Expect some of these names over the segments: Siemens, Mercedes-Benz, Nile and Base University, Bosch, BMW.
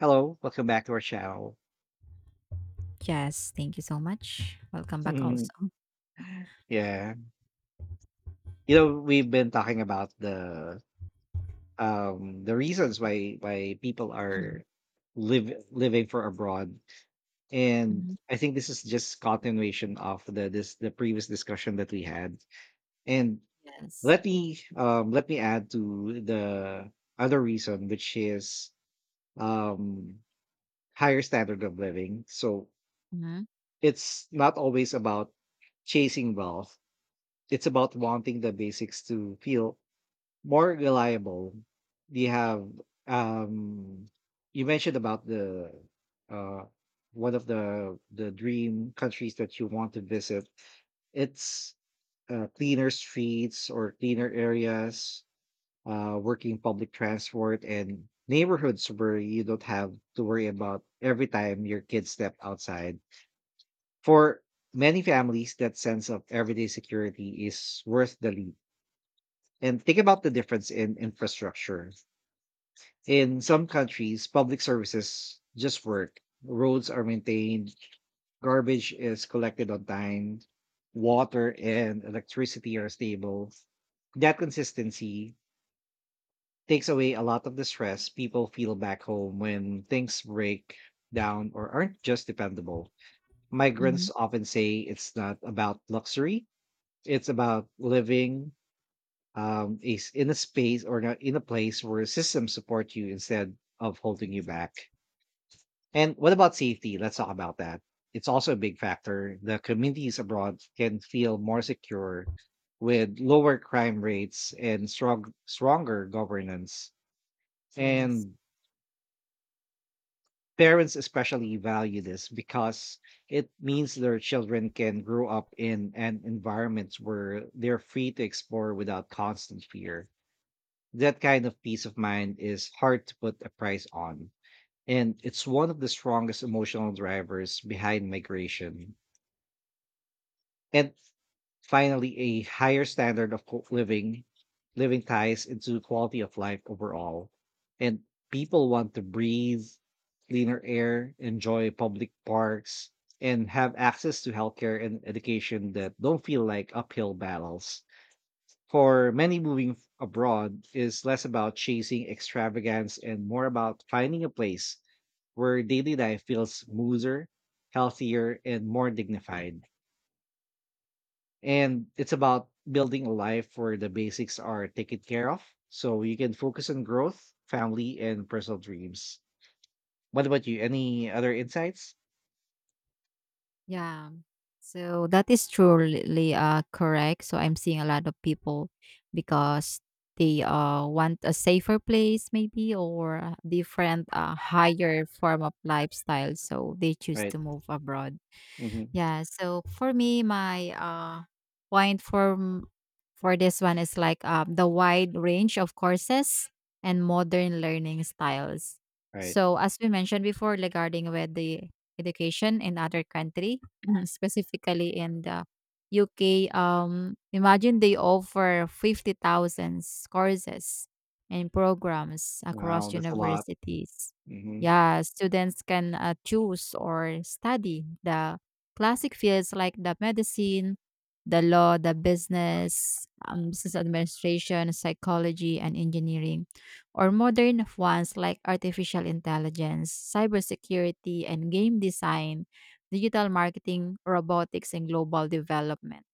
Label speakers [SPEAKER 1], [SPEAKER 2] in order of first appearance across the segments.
[SPEAKER 1] Hello, welcome back to our channel.
[SPEAKER 2] Yes, thank you so much. Welcome back also.
[SPEAKER 1] yeah, you know, we've been talking about the reasons why people
[SPEAKER 2] Mhm.
[SPEAKER 1] are live living for abroad, and
[SPEAKER 2] Mhm.
[SPEAKER 1] I think this is just continuation of the previous discussion that we had. And
[SPEAKER 2] Yes.
[SPEAKER 1] let me add to the other reason, which is um higher standard of living. So
[SPEAKER 2] Mhm.
[SPEAKER 1] it's not always about chasing wealth, it's about wanting the basics to feel more reliable. We have um you mentioned about the uh one of the dream countries that you want to visit. It's cleaner streets or cleaner areas, working public transport and neighborhoods where you don't have to worry about every time your kids step outside. For many families, that sense of everyday security is worth the leap, and think about the difference in infrastructure. In some countries, public services just work. Roads are maintained, garbage is collected on time, water and electricity are stable. That consistency takes away a lot of the stress people feel back home when things break down or aren't just dependable.
[SPEAKER 2] Mhm.
[SPEAKER 1] Migrants often say it's not about luxury, it's about living, is in a space or not in a place where systems support you instead of holding you back. And what about safety? Let's talk about that. It's also a big factor. The communities abroad can feel more secure with lower crime rates and stronger governance.
[SPEAKER 2] Yes.
[SPEAKER 1] And parents especially value this because it means their children can grow up in an environment where they're free to explore without constant fear. That kind of peace of mind is hard to put a price on, and it's one of the strongest emotional drivers behind migration. And finally, a higher standard of living living ties into quality of life overall. And people want to breathe cleaner air, enjoy public parks, and have access to healthcare and education that don't feel like uphill battles. For many, abroad is less about chasing extravagance and more about finding a place where daily life feels smoother, healthier, and more dignified. And it's about building a life where the basics are taken care of so you can focus on growth, family, and personal dreams. What about you? Any other insights?
[SPEAKER 2] Yeah. So that is truly correct. So I'm seeing a lot of people because they want a safer place, maybe, or a different higher form of lifestyle, so they choose
[SPEAKER 1] Right.
[SPEAKER 2] to move abroad.
[SPEAKER 1] Mm-hmm.
[SPEAKER 2] Yeah. So for me, my point for m- for this one is like the wide range of courses and modern learning styles.
[SPEAKER 1] Right.
[SPEAKER 2] So as we mentioned before regarding with the education in other country, specifically in the UK, imagine they offer 50,000 courses and programs
[SPEAKER 1] Wow,
[SPEAKER 2] across
[SPEAKER 1] that's a lot.
[SPEAKER 2] universities.
[SPEAKER 1] Mm-hmm.
[SPEAKER 2] Yeah, students can choose or study the classic fields like the medicine, the law, the business, business administration, psychology, and engineering, or modern ones like artificial intelligence, cybersecurity, and game design, digital marketing, robotics, and global development.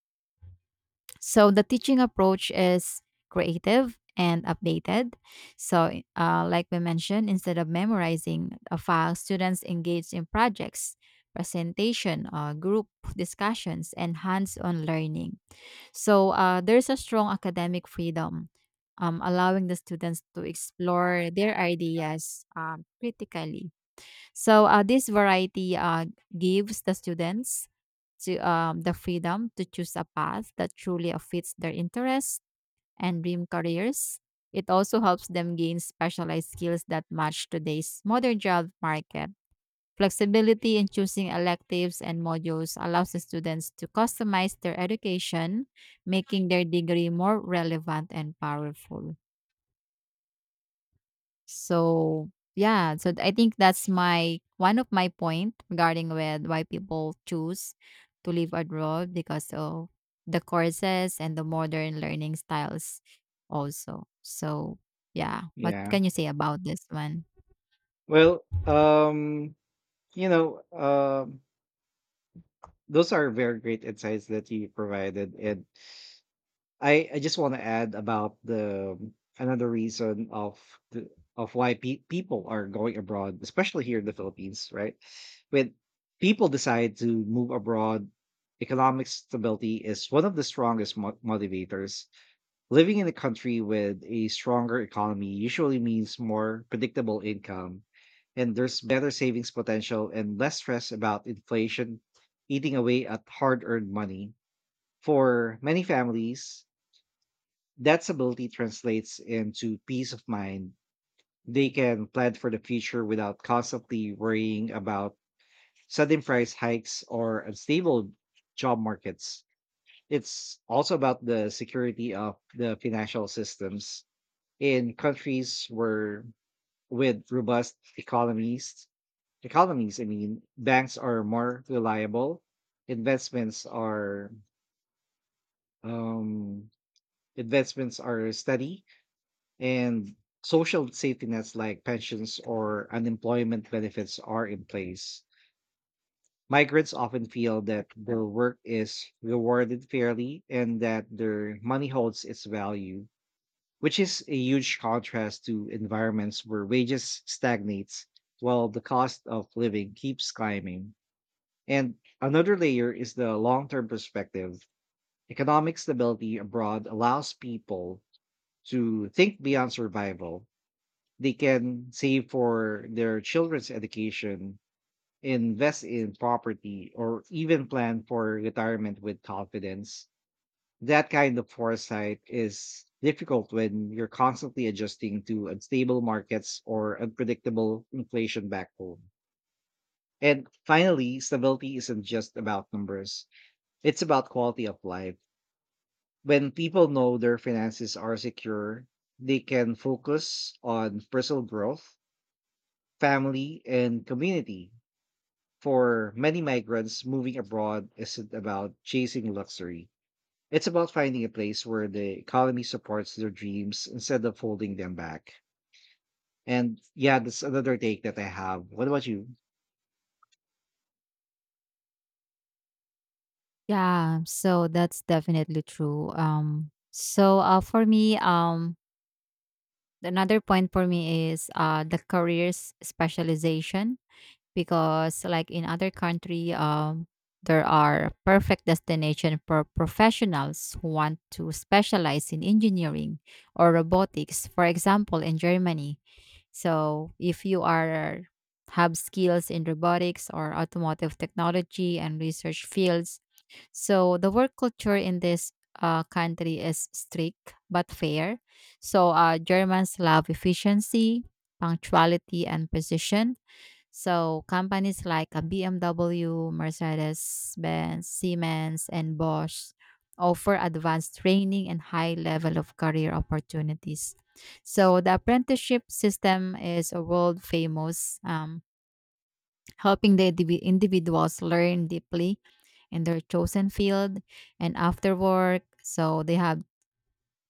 [SPEAKER 2] So the teaching approach is creative and updated. So, like we mentioned, instead of memorizing a file, students engage in projects, presentation, group discussions, and hands-on learning. So there's a strong academic freedom, allowing the students to explore their ideas critically. So this variety gives the students to the freedom to choose a path that truly fits their interests and dream careers. It also helps them gain specialized skills that match today's modern job market. Flexibility in choosing electives and modules allows the students to customize their education, making their degree more relevant and powerful. So yeah, so I think that's my one of my point regarding with why people choose to live abroad, because of the courses and the modern learning styles also. So yeah, what
[SPEAKER 1] Yeah.
[SPEAKER 2] can you say about this one?
[SPEAKER 1] Well, you know, um, those are very great insights that you provided, and I just want to add about the another reason of the of people are going abroad, especially here in the Philippines, right? When people decide to move abroad, economic stability is one of the strongest motivators. Living in a country with a stronger economy usually means more predictable income, and there's better savings potential and less stress about inflation eating away at hard earned money. For many families, that stability translates into peace of mind. They can plan for the future without constantly worrying about sudden price hikes or unstable job markets. It's also about the security of the financial systems in countries where with robust economies, I mean. Banks are more reliable, investments are, um investments are steady, and social safety nets like pensions or unemployment benefits are in place. Migrants often feel that their work is rewarded fairly and that their money holds its value, which is a huge contrast to environments where wages stagnates while the cost of living keeps climbing. And another layer is the long-term perspective. Economic stability abroad allows people to think beyond survival. They can save for their children's education, invest in property, or even plan for retirement with confidence. That kind of foresight is difficult when you're constantly adjusting to unstable markets or unpredictable inflation back home. And finally, stability isn't just about numbers, it's about quality of life. When people know their finances are secure, they can focus on personal growth, family, and community. For many migrants, moving abroad isn't about chasing luxury. It's about finding a place where the economy supports their dreams instead of holding them back. And yeah, that's another take that I have. What about you?
[SPEAKER 2] Yeah, so that's definitely true. So for me another point for me is the careers specialization, because like in other country, there are perfect destination for professionals who want to specialize in engineering or robotics, for example in Germany. So if you are have skills in robotics or automotive technology and research fields, so the work culture in this country is strict but fair. So Germans love efficiency, punctuality, and precision. So companies like BMW, Mercedes-Benz, Siemens, and Bosch offer advanced training and high level of career opportunities. So the apprenticeship system is a world famous, helping the individuals learn deeply in their chosen field, and after work, so they have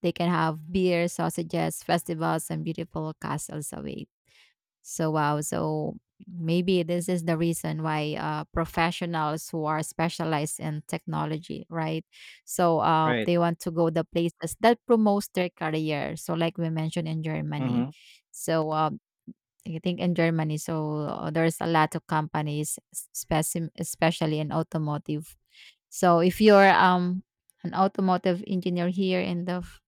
[SPEAKER 2] they can have beer, sausages, festivals, and beautiful castles away. So wow, so maybe this is the reason why professionals who are specialized in technology, right? So
[SPEAKER 1] Right.
[SPEAKER 2] they want to go the places that promotes their career. So like we mentioned in Germany,
[SPEAKER 1] Mm-hmm.
[SPEAKER 2] so I think in Germany, so there's a lot of companies, especially in automotive. So if you're an automotive engineer here in the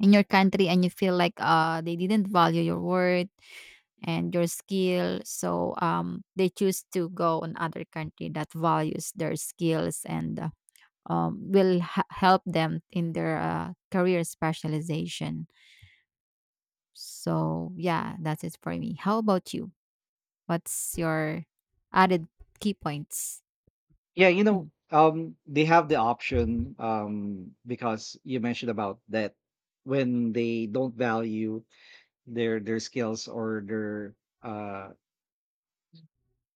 [SPEAKER 2] in your country and you feel like they didn't value your worth and your skill, so they choose to go on other country that values their skills, and will h help them in their career specialization. So yeah, that's it for me. How about you? What's your added key points?
[SPEAKER 1] Yeah, they have the option, because you mentioned about that when they don't value their skills or their uh,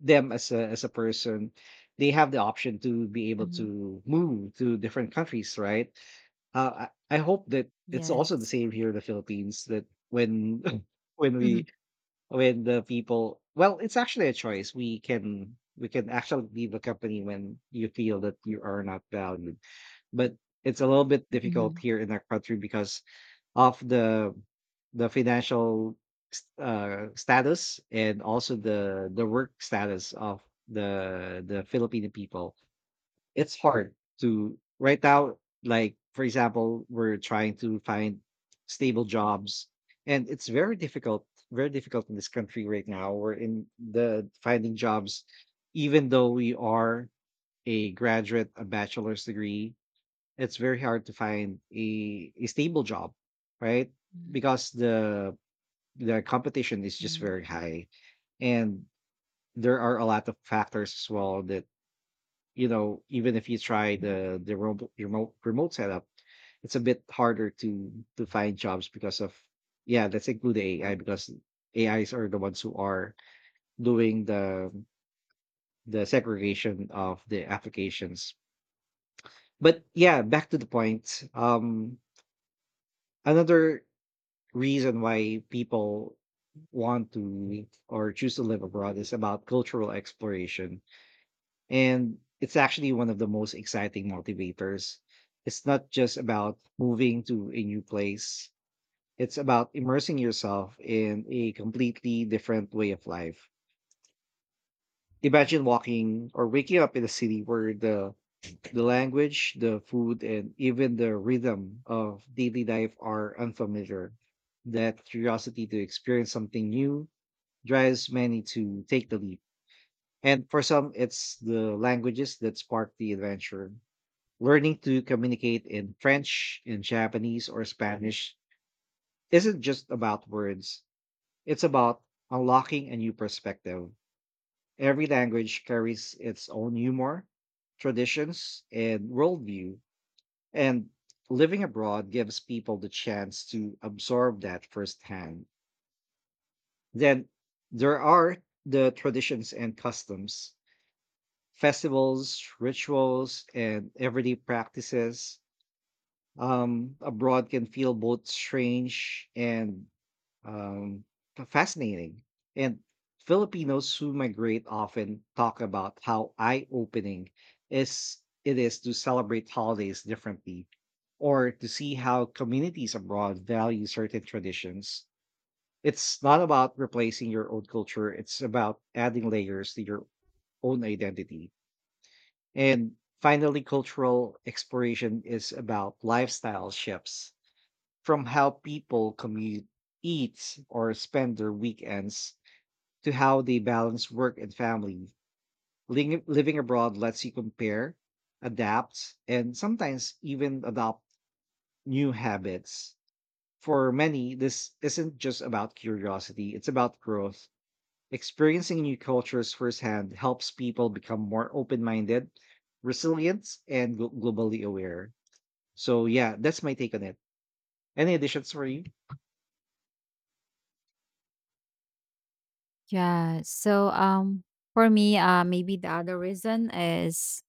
[SPEAKER 1] them as a person, they have the option to be able
[SPEAKER 2] Mm-hmm.
[SPEAKER 1] to move to different countries, right? I hope that it's also the
[SPEAKER 2] Yes.
[SPEAKER 1] same here in the Philippines that when when
[SPEAKER 2] Hmm.
[SPEAKER 1] we when the people, well, it's actually a choice. We can, we can actually leave a company when you feel that you are not valued. But it's a little bit difficult
[SPEAKER 2] Hmm.
[SPEAKER 1] here in our country because of the financial status, and also the work status of the Filipino people. It's hard to right now. Like for example, we're trying to find stable jobs, and it's very difficult. Very difficult in this country right now. We're in the finding jobs, even though we are a graduate, a bachelor's degree, it's very hard to find a stable job, right? Because the competition is just
[SPEAKER 2] Hmm.
[SPEAKER 1] very high, and there are a lot of factors as well that, you know, even if you try the remote setup, it's a bit harder to find jobs because of, yeah, let's include the AI, because AIs are the ones who are doing the segregation of the applications. But yeah, back to the point. Another reason why people want to or choose to live abroad is about cultural exploration. And it's actually one of the most exciting motivators. It's not just about moving to a new place, it's about immersing yourself in a completely different way of life. Imagine walking or waking up in a city where the language, the food, and even the rhythm of daily life are unfamiliar. That curiosity to experience something new drives many to take the leap. And for some, it's the languages that spark the adventure. Learning to communicate in French, in Japanese, or Spanish isn't just about words, it's about unlocking a new perspective. Every language carries its own humor, traditions, and worldview. And living abroad gives people the chance to absorb that firsthand. Then there are the traditions and customs, festivals, rituals, and everyday practices abroad can feel both strange and, um, fascinating. And Filipinos who migrate often talk about how eye-opening is it is to celebrate holidays differently, or to see how communities abroad value certain traditions. It's not about replacing your own culture; it's about adding layers to your own identity. And finally, cultural exploration is about lifestyle shifts, from how people commute, eat, or spend their weekends to how they balance work and family. Living abroad lets you compare, adapt, and sometimes even adopt new habits. For many, this isn't just about curiosity, it's about growth. Experiencing new cultures firsthand helps people become more open minded, resilient, and globally aware. So, yeah, that's my take on it. Any additions for you?
[SPEAKER 2] Yeah, so for me, maybe the other reason is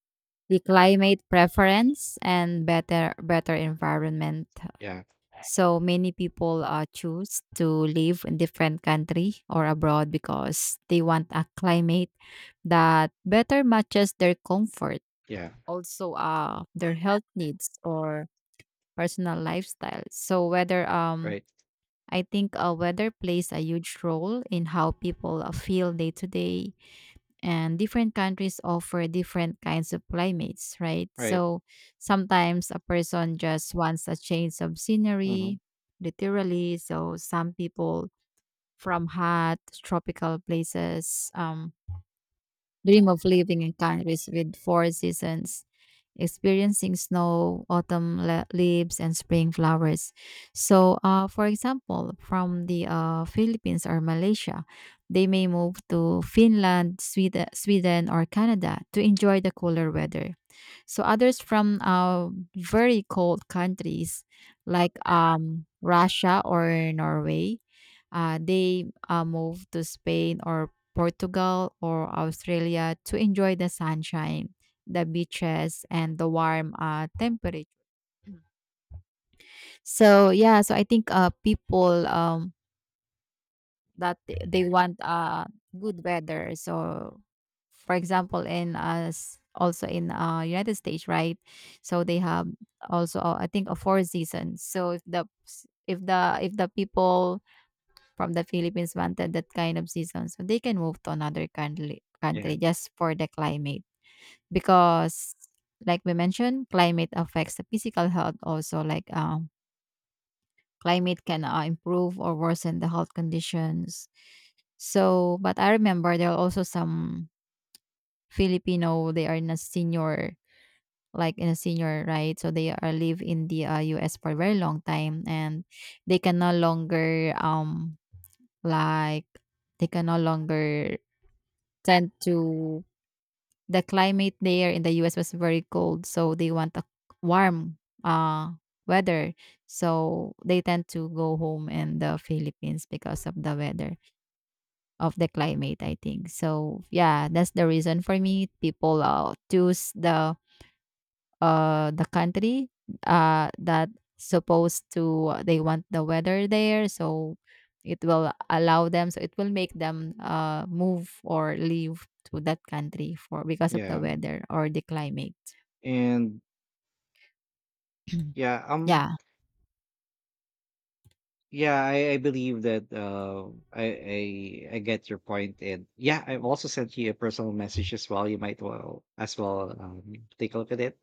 [SPEAKER 2] the climate preference and better environment.
[SPEAKER 1] Yeah,
[SPEAKER 2] So many people choose to live in different country or abroad because they want a climate that better matches their comfort,
[SPEAKER 1] yeah.
[SPEAKER 2] also their health needs or personal lifestyle. So whether
[SPEAKER 1] Right,
[SPEAKER 2] I think weather plays a huge role in how people feel day to day, and different countries offer different kinds of climates, right?
[SPEAKER 1] right.
[SPEAKER 2] So sometimes a person just wants a change of
[SPEAKER 1] Hmm.
[SPEAKER 2] scenery, literally. So some people from hot tropical places dream of living in countries with four seasons, experiencing snow, leaves, and spring flowers. So, for example, from the Philippines or Malaysia, they may move to Finland, Sweden, or Canada to enjoy the cooler weather. So others from very cold countries like Russia or Norway, they move to Spain or Portugal or Australia to enjoy the sunshine, the beaches, and the warm temperature. So yeah, so I think people that they want good weather. So for example in us, also in United States, right? So they have also I think a four seasons. So if the if the people from the Philippines wanted that kind of season, so they can move to another country
[SPEAKER 1] Yeah,
[SPEAKER 2] country just for the climate, because like we mentioned, climate affects the physical health also, like climate can improve or worsen the health conditions. So, but I remember there are also some Filipino. They are in a senior, like in a senior, right? So they are live in the U.S. for a very long time, and they can no longer like they can no longer tend to the climate there in the US was very cold, so they want a warm uh weather. So they tend to go home in the Philippines because of the weather, of the climate, I think. So yeah, that's the reason for me. People choose the country that supposed to they want the weather there, so it will allow them, so it will make them move or leave to that country for, because of the
[SPEAKER 1] yeah.
[SPEAKER 2] weather or the climate.
[SPEAKER 1] And yeah,
[SPEAKER 2] Yeah.
[SPEAKER 1] yeah, I believe that, I get your point, and yeah, I've also sent you a personal message as well. You might well as well, take a look at it,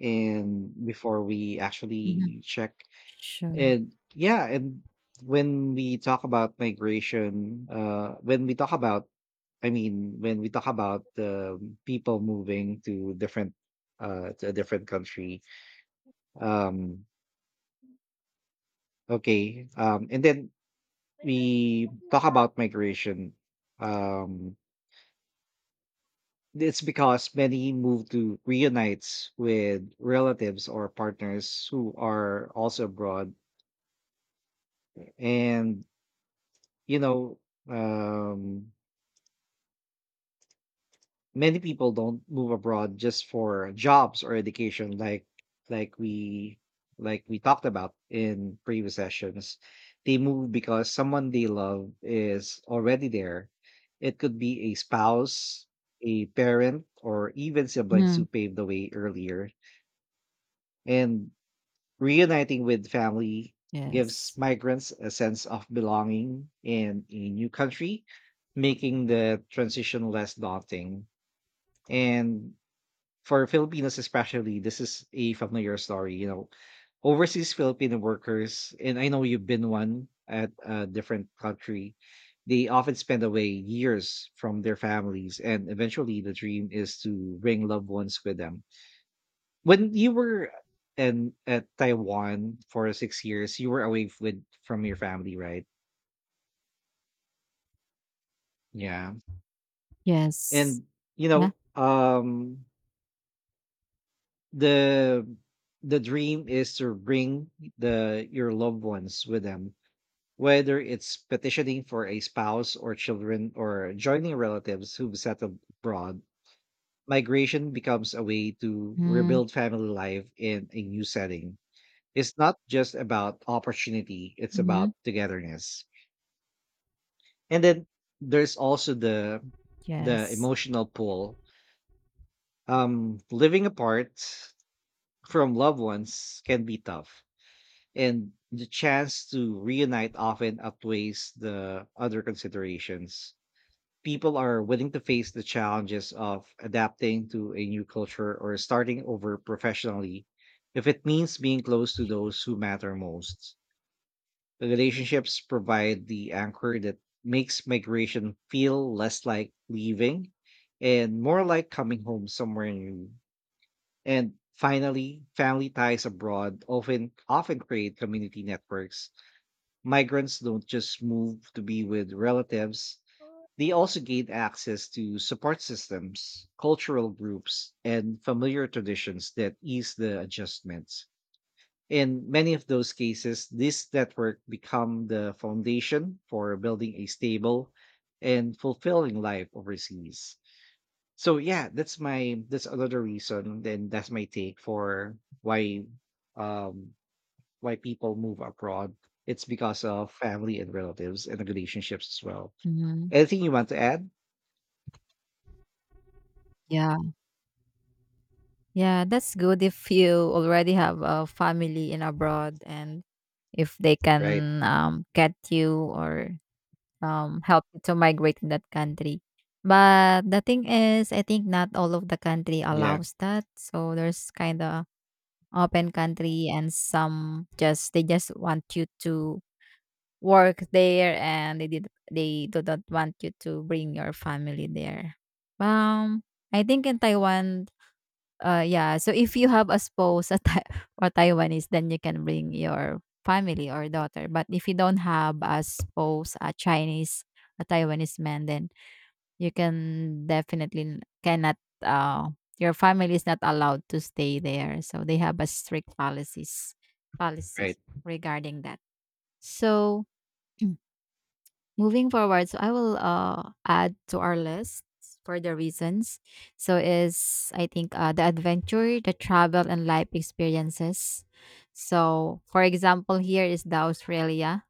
[SPEAKER 1] and before we
[SPEAKER 2] Mhm.
[SPEAKER 1] actually check.
[SPEAKER 2] Sure.
[SPEAKER 1] And yeah, and when we talk about migration, when we talk about, I mean, when we talk about, people moving to to a different country, um, okay, and then we talk about migration. Um, it's because many move to reunites with relatives or partners who are also abroad. And you know, um many people don't move abroad just for jobs or education, like, like we like we talked about in previous sessions. They move because someone they love is already there. It could be a spouse, a parent, or even siblings who
[SPEAKER 2] Mhm.
[SPEAKER 1] paved the way earlier. And reuniting with family gives
[SPEAKER 2] Yes.
[SPEAKER 1] migrants a sense of belonging in a new country, making the transition less daunting. And for Filipinos especially, this is a familiar story. You know, overseas Filipino workers, and I know you've been one at a different country, they often spend away years from their families, and eventually the dream is to bring loved ones with them. When you were in at Taiwan for 6 years, you were away with from your family, right? Yeah,
[SPEAKER 2] Yes.
[SPEAKER 1] and you
[SPEAKER 2] Yeah.
[SPEAKER 1] know, the the dream is to bring the your loved ones with them, whether it's petitioning for a spouse or children or joining relatives who've settled abroad. Migration becomes a way to
[SPEAKER 2] Mhm.
[SPEAKER 1] rebuild family life in a new setting. It's not just about opportunity, it's about
[SPEAKER 2] Mhm.
[SPEAKER 1] togetherness. And then there's also the
[SPEAKER 2] Yes.
[SPEAKER 1] emotional pull. Um, living apart from loved ones can be tough, and the chance to reunite often outweighs the other considerations. People are willing to face the challenges of adapting to a new culture or starting over professionally if it means being close to those who matter most. The relationships provide the anchor that makes migration feel less like leaving and more like coming home somewhere new. And finally, family ties abroad often create community networks. Migrants don't just move to be with relatives, they also gain access to support systems, cultural groups, and familiar traditions that ease the adjustments. In many of those cases, this network become the foundation for building a stable and fulfilling life overseas. So yeah, that's another reason, and that's my take for um why people move abroad. It's because of family and relatives and the relationships as well.
[SPEAKER 2] Hmm.
[SPEAKER 1] Anything you want to add?
[SPEAKER 2] Yeah. Yeah, that's good if you already have a family in abroad, and if they
[SPEAKER 1] Right.
[SPEAKER 2] can get you or help you to migrate in that country. But the thing is, I think not all of the country
[SPEAKER 1] Yeah.
[SPEAKER 2] allows that. So there's kind of open country, and some just they just want you to work there, and they did they do not want you to bring your family there. Um, I think in Taiwan, yeah. So if you have a spouse a Thai or Taiwanese, then you can bring your family or daughter. But if you don't have a spouse, a Chinese, a Taiwanese man, then you can definitely cannot. Uh, your family is not allowed to stay there. So they have a strict policies policy
[SPEAKER 1] Right.
[SPEAKER 2] regarding that. So moving forward, so I will add to our list for the reasons. So is I think the adventure, the travel, and life experiences. So for example, here is the Australia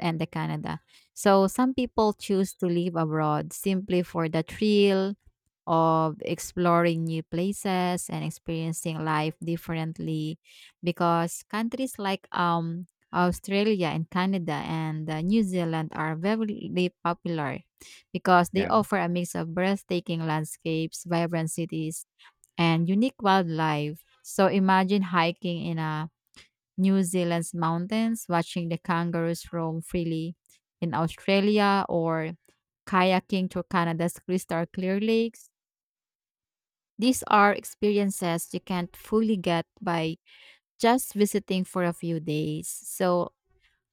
[SPEAKER 2] and the Canada. So some people choose to live abroad simply for the thrill of exploring new places and experiencing life differently, because countries like Australia and Canada and New Zealand are very popular because they
[SPEAKER 1] Yeah.
[SPEAKER 2] offer a mix of breathtaking landscapes, vibrant cities, and unique wildlife. So imagine hiking in a New Zealand's mountains, watching the kangaroos roam freely in Australia, or kayaking to Canada's crystal clear lakes, these are experiences you can't fully get by just visiting for a few days. So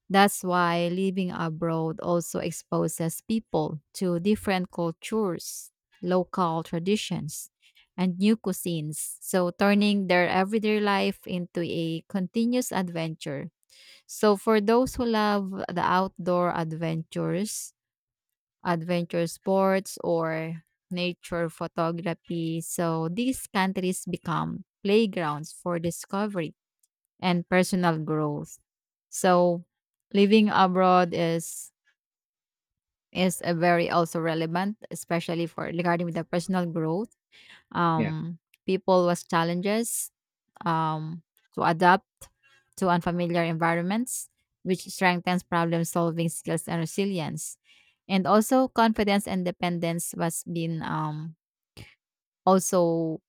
[SPEAKER 2] that's why living abroad also exposes people to different cultures, local traditions, and new cuisines, so turning their everyday life into a continuous adventure. So for those who love the outdoor adventures, adventure sports, or nature photography, so these countries become playgrounds for discovery and personal growth. So living abroad is a very also relevant, especially for regarding with the personal growth.
[SPEAKER 1] Yeah.
[SPEAKER 2] Um, people was challenges um, to adapt to unfamiliar environments, which strengthens problem solving skills and resilience. And also, confidence and dependence was been also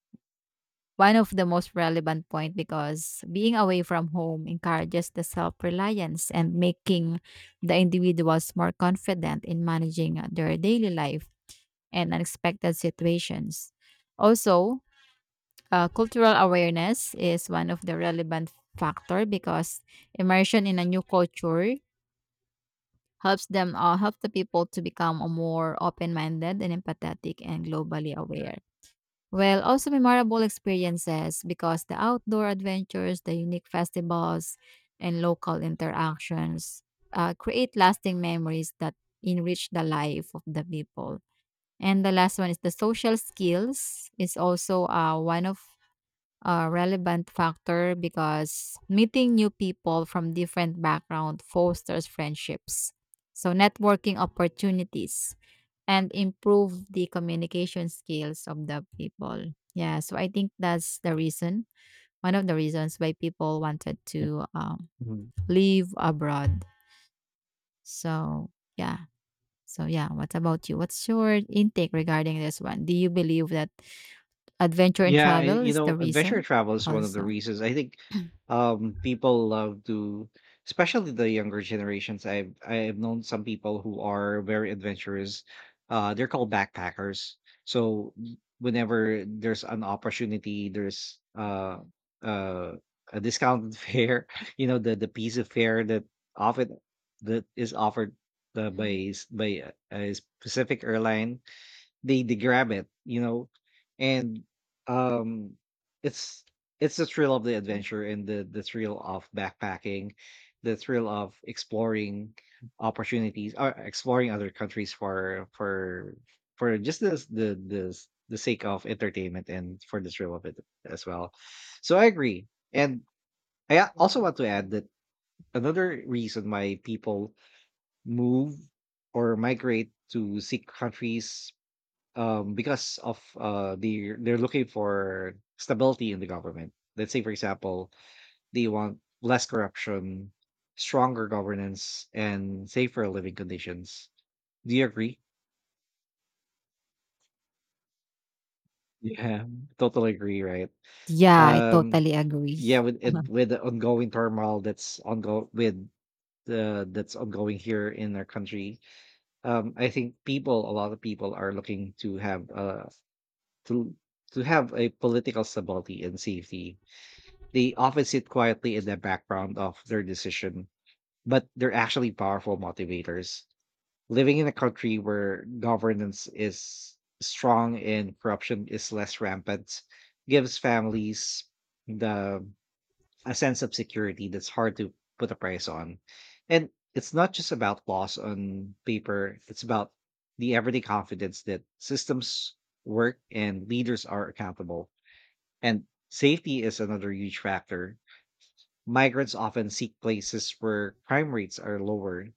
[SPEAKER 2] one of the most relevant point, because being away from home encourages the self-reliance and making the individuals more confident in managing their daily life and unexpected situations. Also, cultural awareness is one of the relevant factor, because immersion in a new culture helps them help the people to become a more open-minded and empathetic and globally aware. Well, also memorable experiences, because the outdoor adventures, the unique festivals, and local interactions create lasting memories that enrich the life of the people. And the last one is the social skills is also one of relevant factor, because meeting new people from different background fosters friendships, so networking opportunities and improve the communication skills of the people. Yeah, so I think that's the reason, one of the reasons why people wanted
[SPEAKER 1] Yeah.
[SPEAKER 2] to
[SPEAKER 1] Mhm.
[SPEAKER 2] live abroad. So yeah, so yeah, what about you? What's your intake regarding this one? Do you believe that adventure and
[SPEAKER 1] Yeah,
[SPEAKER 2] travel
[SPEAKER 1] you
[SPEAKER 2] is the
[SPEAKER 1] know, adventure
[SPEAKER 2] reason
[SPEAKER 1] travel is one of the
[SPEAKER 2] also?
[SPEAKER 1] reasons, I think people love to, especially the younger generations. I've known some people who are very adventurous. They're called backpackers. So whenever there's an opportunity, there's uh a discounted fare, the piece of fare that often that is offered
[SPEAKER 2] Mhm.
[SPEAKER 1] by by a specific airline, they grab it, and um, it's it's the thrill of the adventure and the thrill of backpacking, the thrill of exploring opportunities or exploring other countries for for just the sake of entertainment and for the thrill of it as well. So I agree, and I also
[SPEAKER 2] Yes,
[SPEAKER 1] want to
[SPEAKER 2] yes.
[SPEAKER 1] add that another reason why people move or migrate to seek countries, because of they're looking for stability in the government. Let's say, for example, they want less corruption, stronger governance, and safer living conditions. Do you agree? Yeah, totally agree. Right.
[SPEAKER 2] Yeah, I
[SPEAKER 1] Um,
[SPEAKER 2] totally agree.
[SPEAKER 1] yeah, with the ongoing turmoil that's ongoing here in our country. I think people, a lot of people, are looking to have to to have a political stability and safety. They often sit quietly in the background of their decision, but they're actually powerful motivators. Living in a country where governance is strong and corruption is less rampant gives families the a sense of security that's hard to put a price on. And it's not just about laws on paper, it's about the everyday confidence that systems work and leaders are accountable. And safety is another huge factor. Migrants often seek places where crime rates are lower,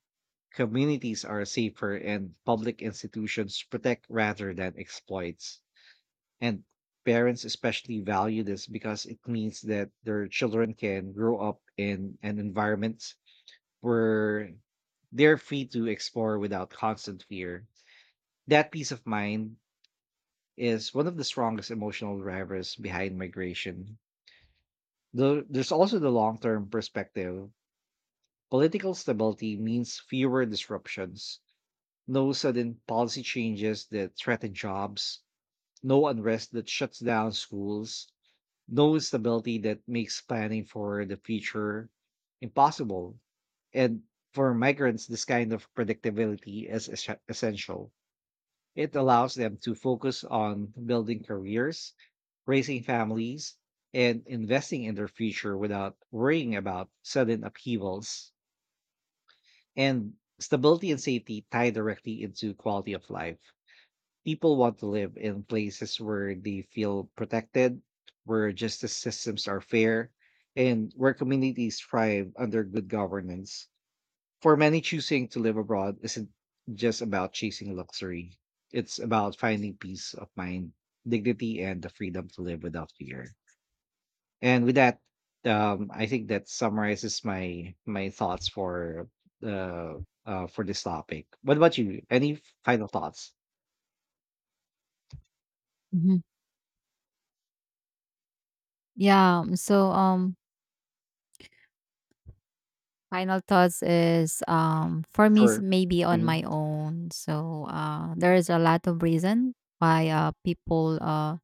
[SPEAKER 1] communities are safer, and public institutions protect rather than exploits. And parents especially value this because it means that their children can grow up in an environment where they're free to explore without constant fear. That peace of mind is one of the strongest emotional drivers behind migration. Though there's also the long term perspective. Political stability means fewer disruptions, no sudden policy changes that threaten jobs, no unrest that shuts down schools, no instability that makes planning for the future impossible. And for migrants, this kind of predictability is essential. It allows them to focus on building careers, raising families, and investing in their future without worrying about sudden upheavals. And stability and safety tie directly into quality of life. People want to live in places where they feel protected, where justice systems are fair, and where communities thrive under good governance. For many, choosing to live abroad isn't just about chasing luxury, it's about finding peace of mind, dignity, and the freedom to live without fear. And with that, I think that summarizes my thoughts for the for this topic. What about you? Any final thoughts?
[SPEAKER 2] Mhm. Yeah. So, final thoughts is
[SPEAKER 1] For
[SPEAKER 2] for me is
[SPEAKER 1] sure.
[SPEAKER 2] maybe on
[SPEAKER 1] Hmm.
[SPEAKER 2] my own. So, there is a lot of reason why people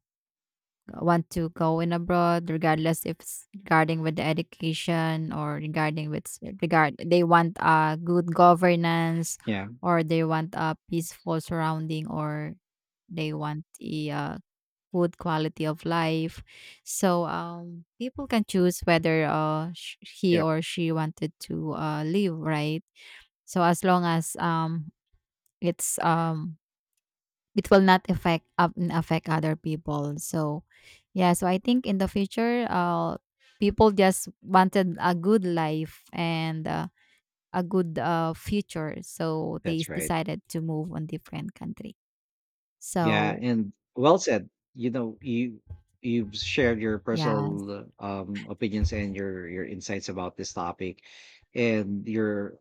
[SPEAKER 2] want to go in abroad, regardless if it's regarding with the education or regarding with regard they want good governance,
[SPEAKER 1] Yeah,
[SPEAKER 2] or they want a peaceful surrounding, or they want a food quality of life. So people can choose whether he
[SPEAKER 1] yeah,
[SPEAKER 2] or she wanted to live, right? So as long as it's um, it will not affect affect other people. So yeah, so I think in the future, people just wanted a good life and a good future, so they
[SPEAKER 1] that's right.
[SPEAKER 2] decided to move on different country.
[SPEAKER 1] Yeah,
[SPEAKER 2] So
[SPEAKER 1] and well said. You know, you've shared your
[SPEAKER 2] yeah.
[SPEAKER 1] personal opinions and your insights about this topic, and your.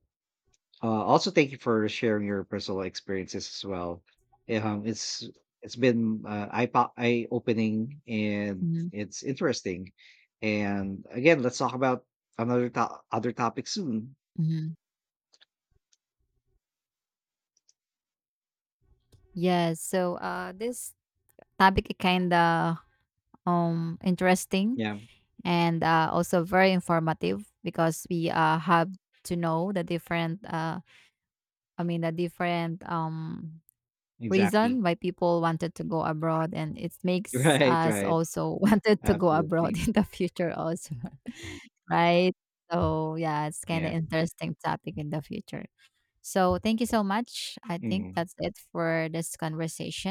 [SPEAKER 1] Also, thank you for sharing your personal experiences as well. It's it's been eye opening and it's interesting. And again, let's talk about other topic soon.
[SPEAKER 2] Mm-hmm. Yes. So this topic is kind of interesting,
[SPEAKER 1] Yeah,
[SPEAKER 2] and also very informative, because we have to know the different the different
[SPEAKER 1] exactly.
[SPEAKER 2] reason why people wanted to go abroad, and it makes
[SPEAKER 1] Right,
[SPEAKER 2] us
[SPEAKER 1] right.
[SPEAKER 2] also wanted to go abroad
[SPEAKER 1] Absolutely.
[SPEAKER 2] in the future also. Right. So yeah, it's kind of
[SPEAKER 1] Yeah.
[SPEAKER 2] interesting topic in the future. So thank you so much, I think
[SPEAKER 1] Mhm.
[SPEAKER 2] that's it for this conversation.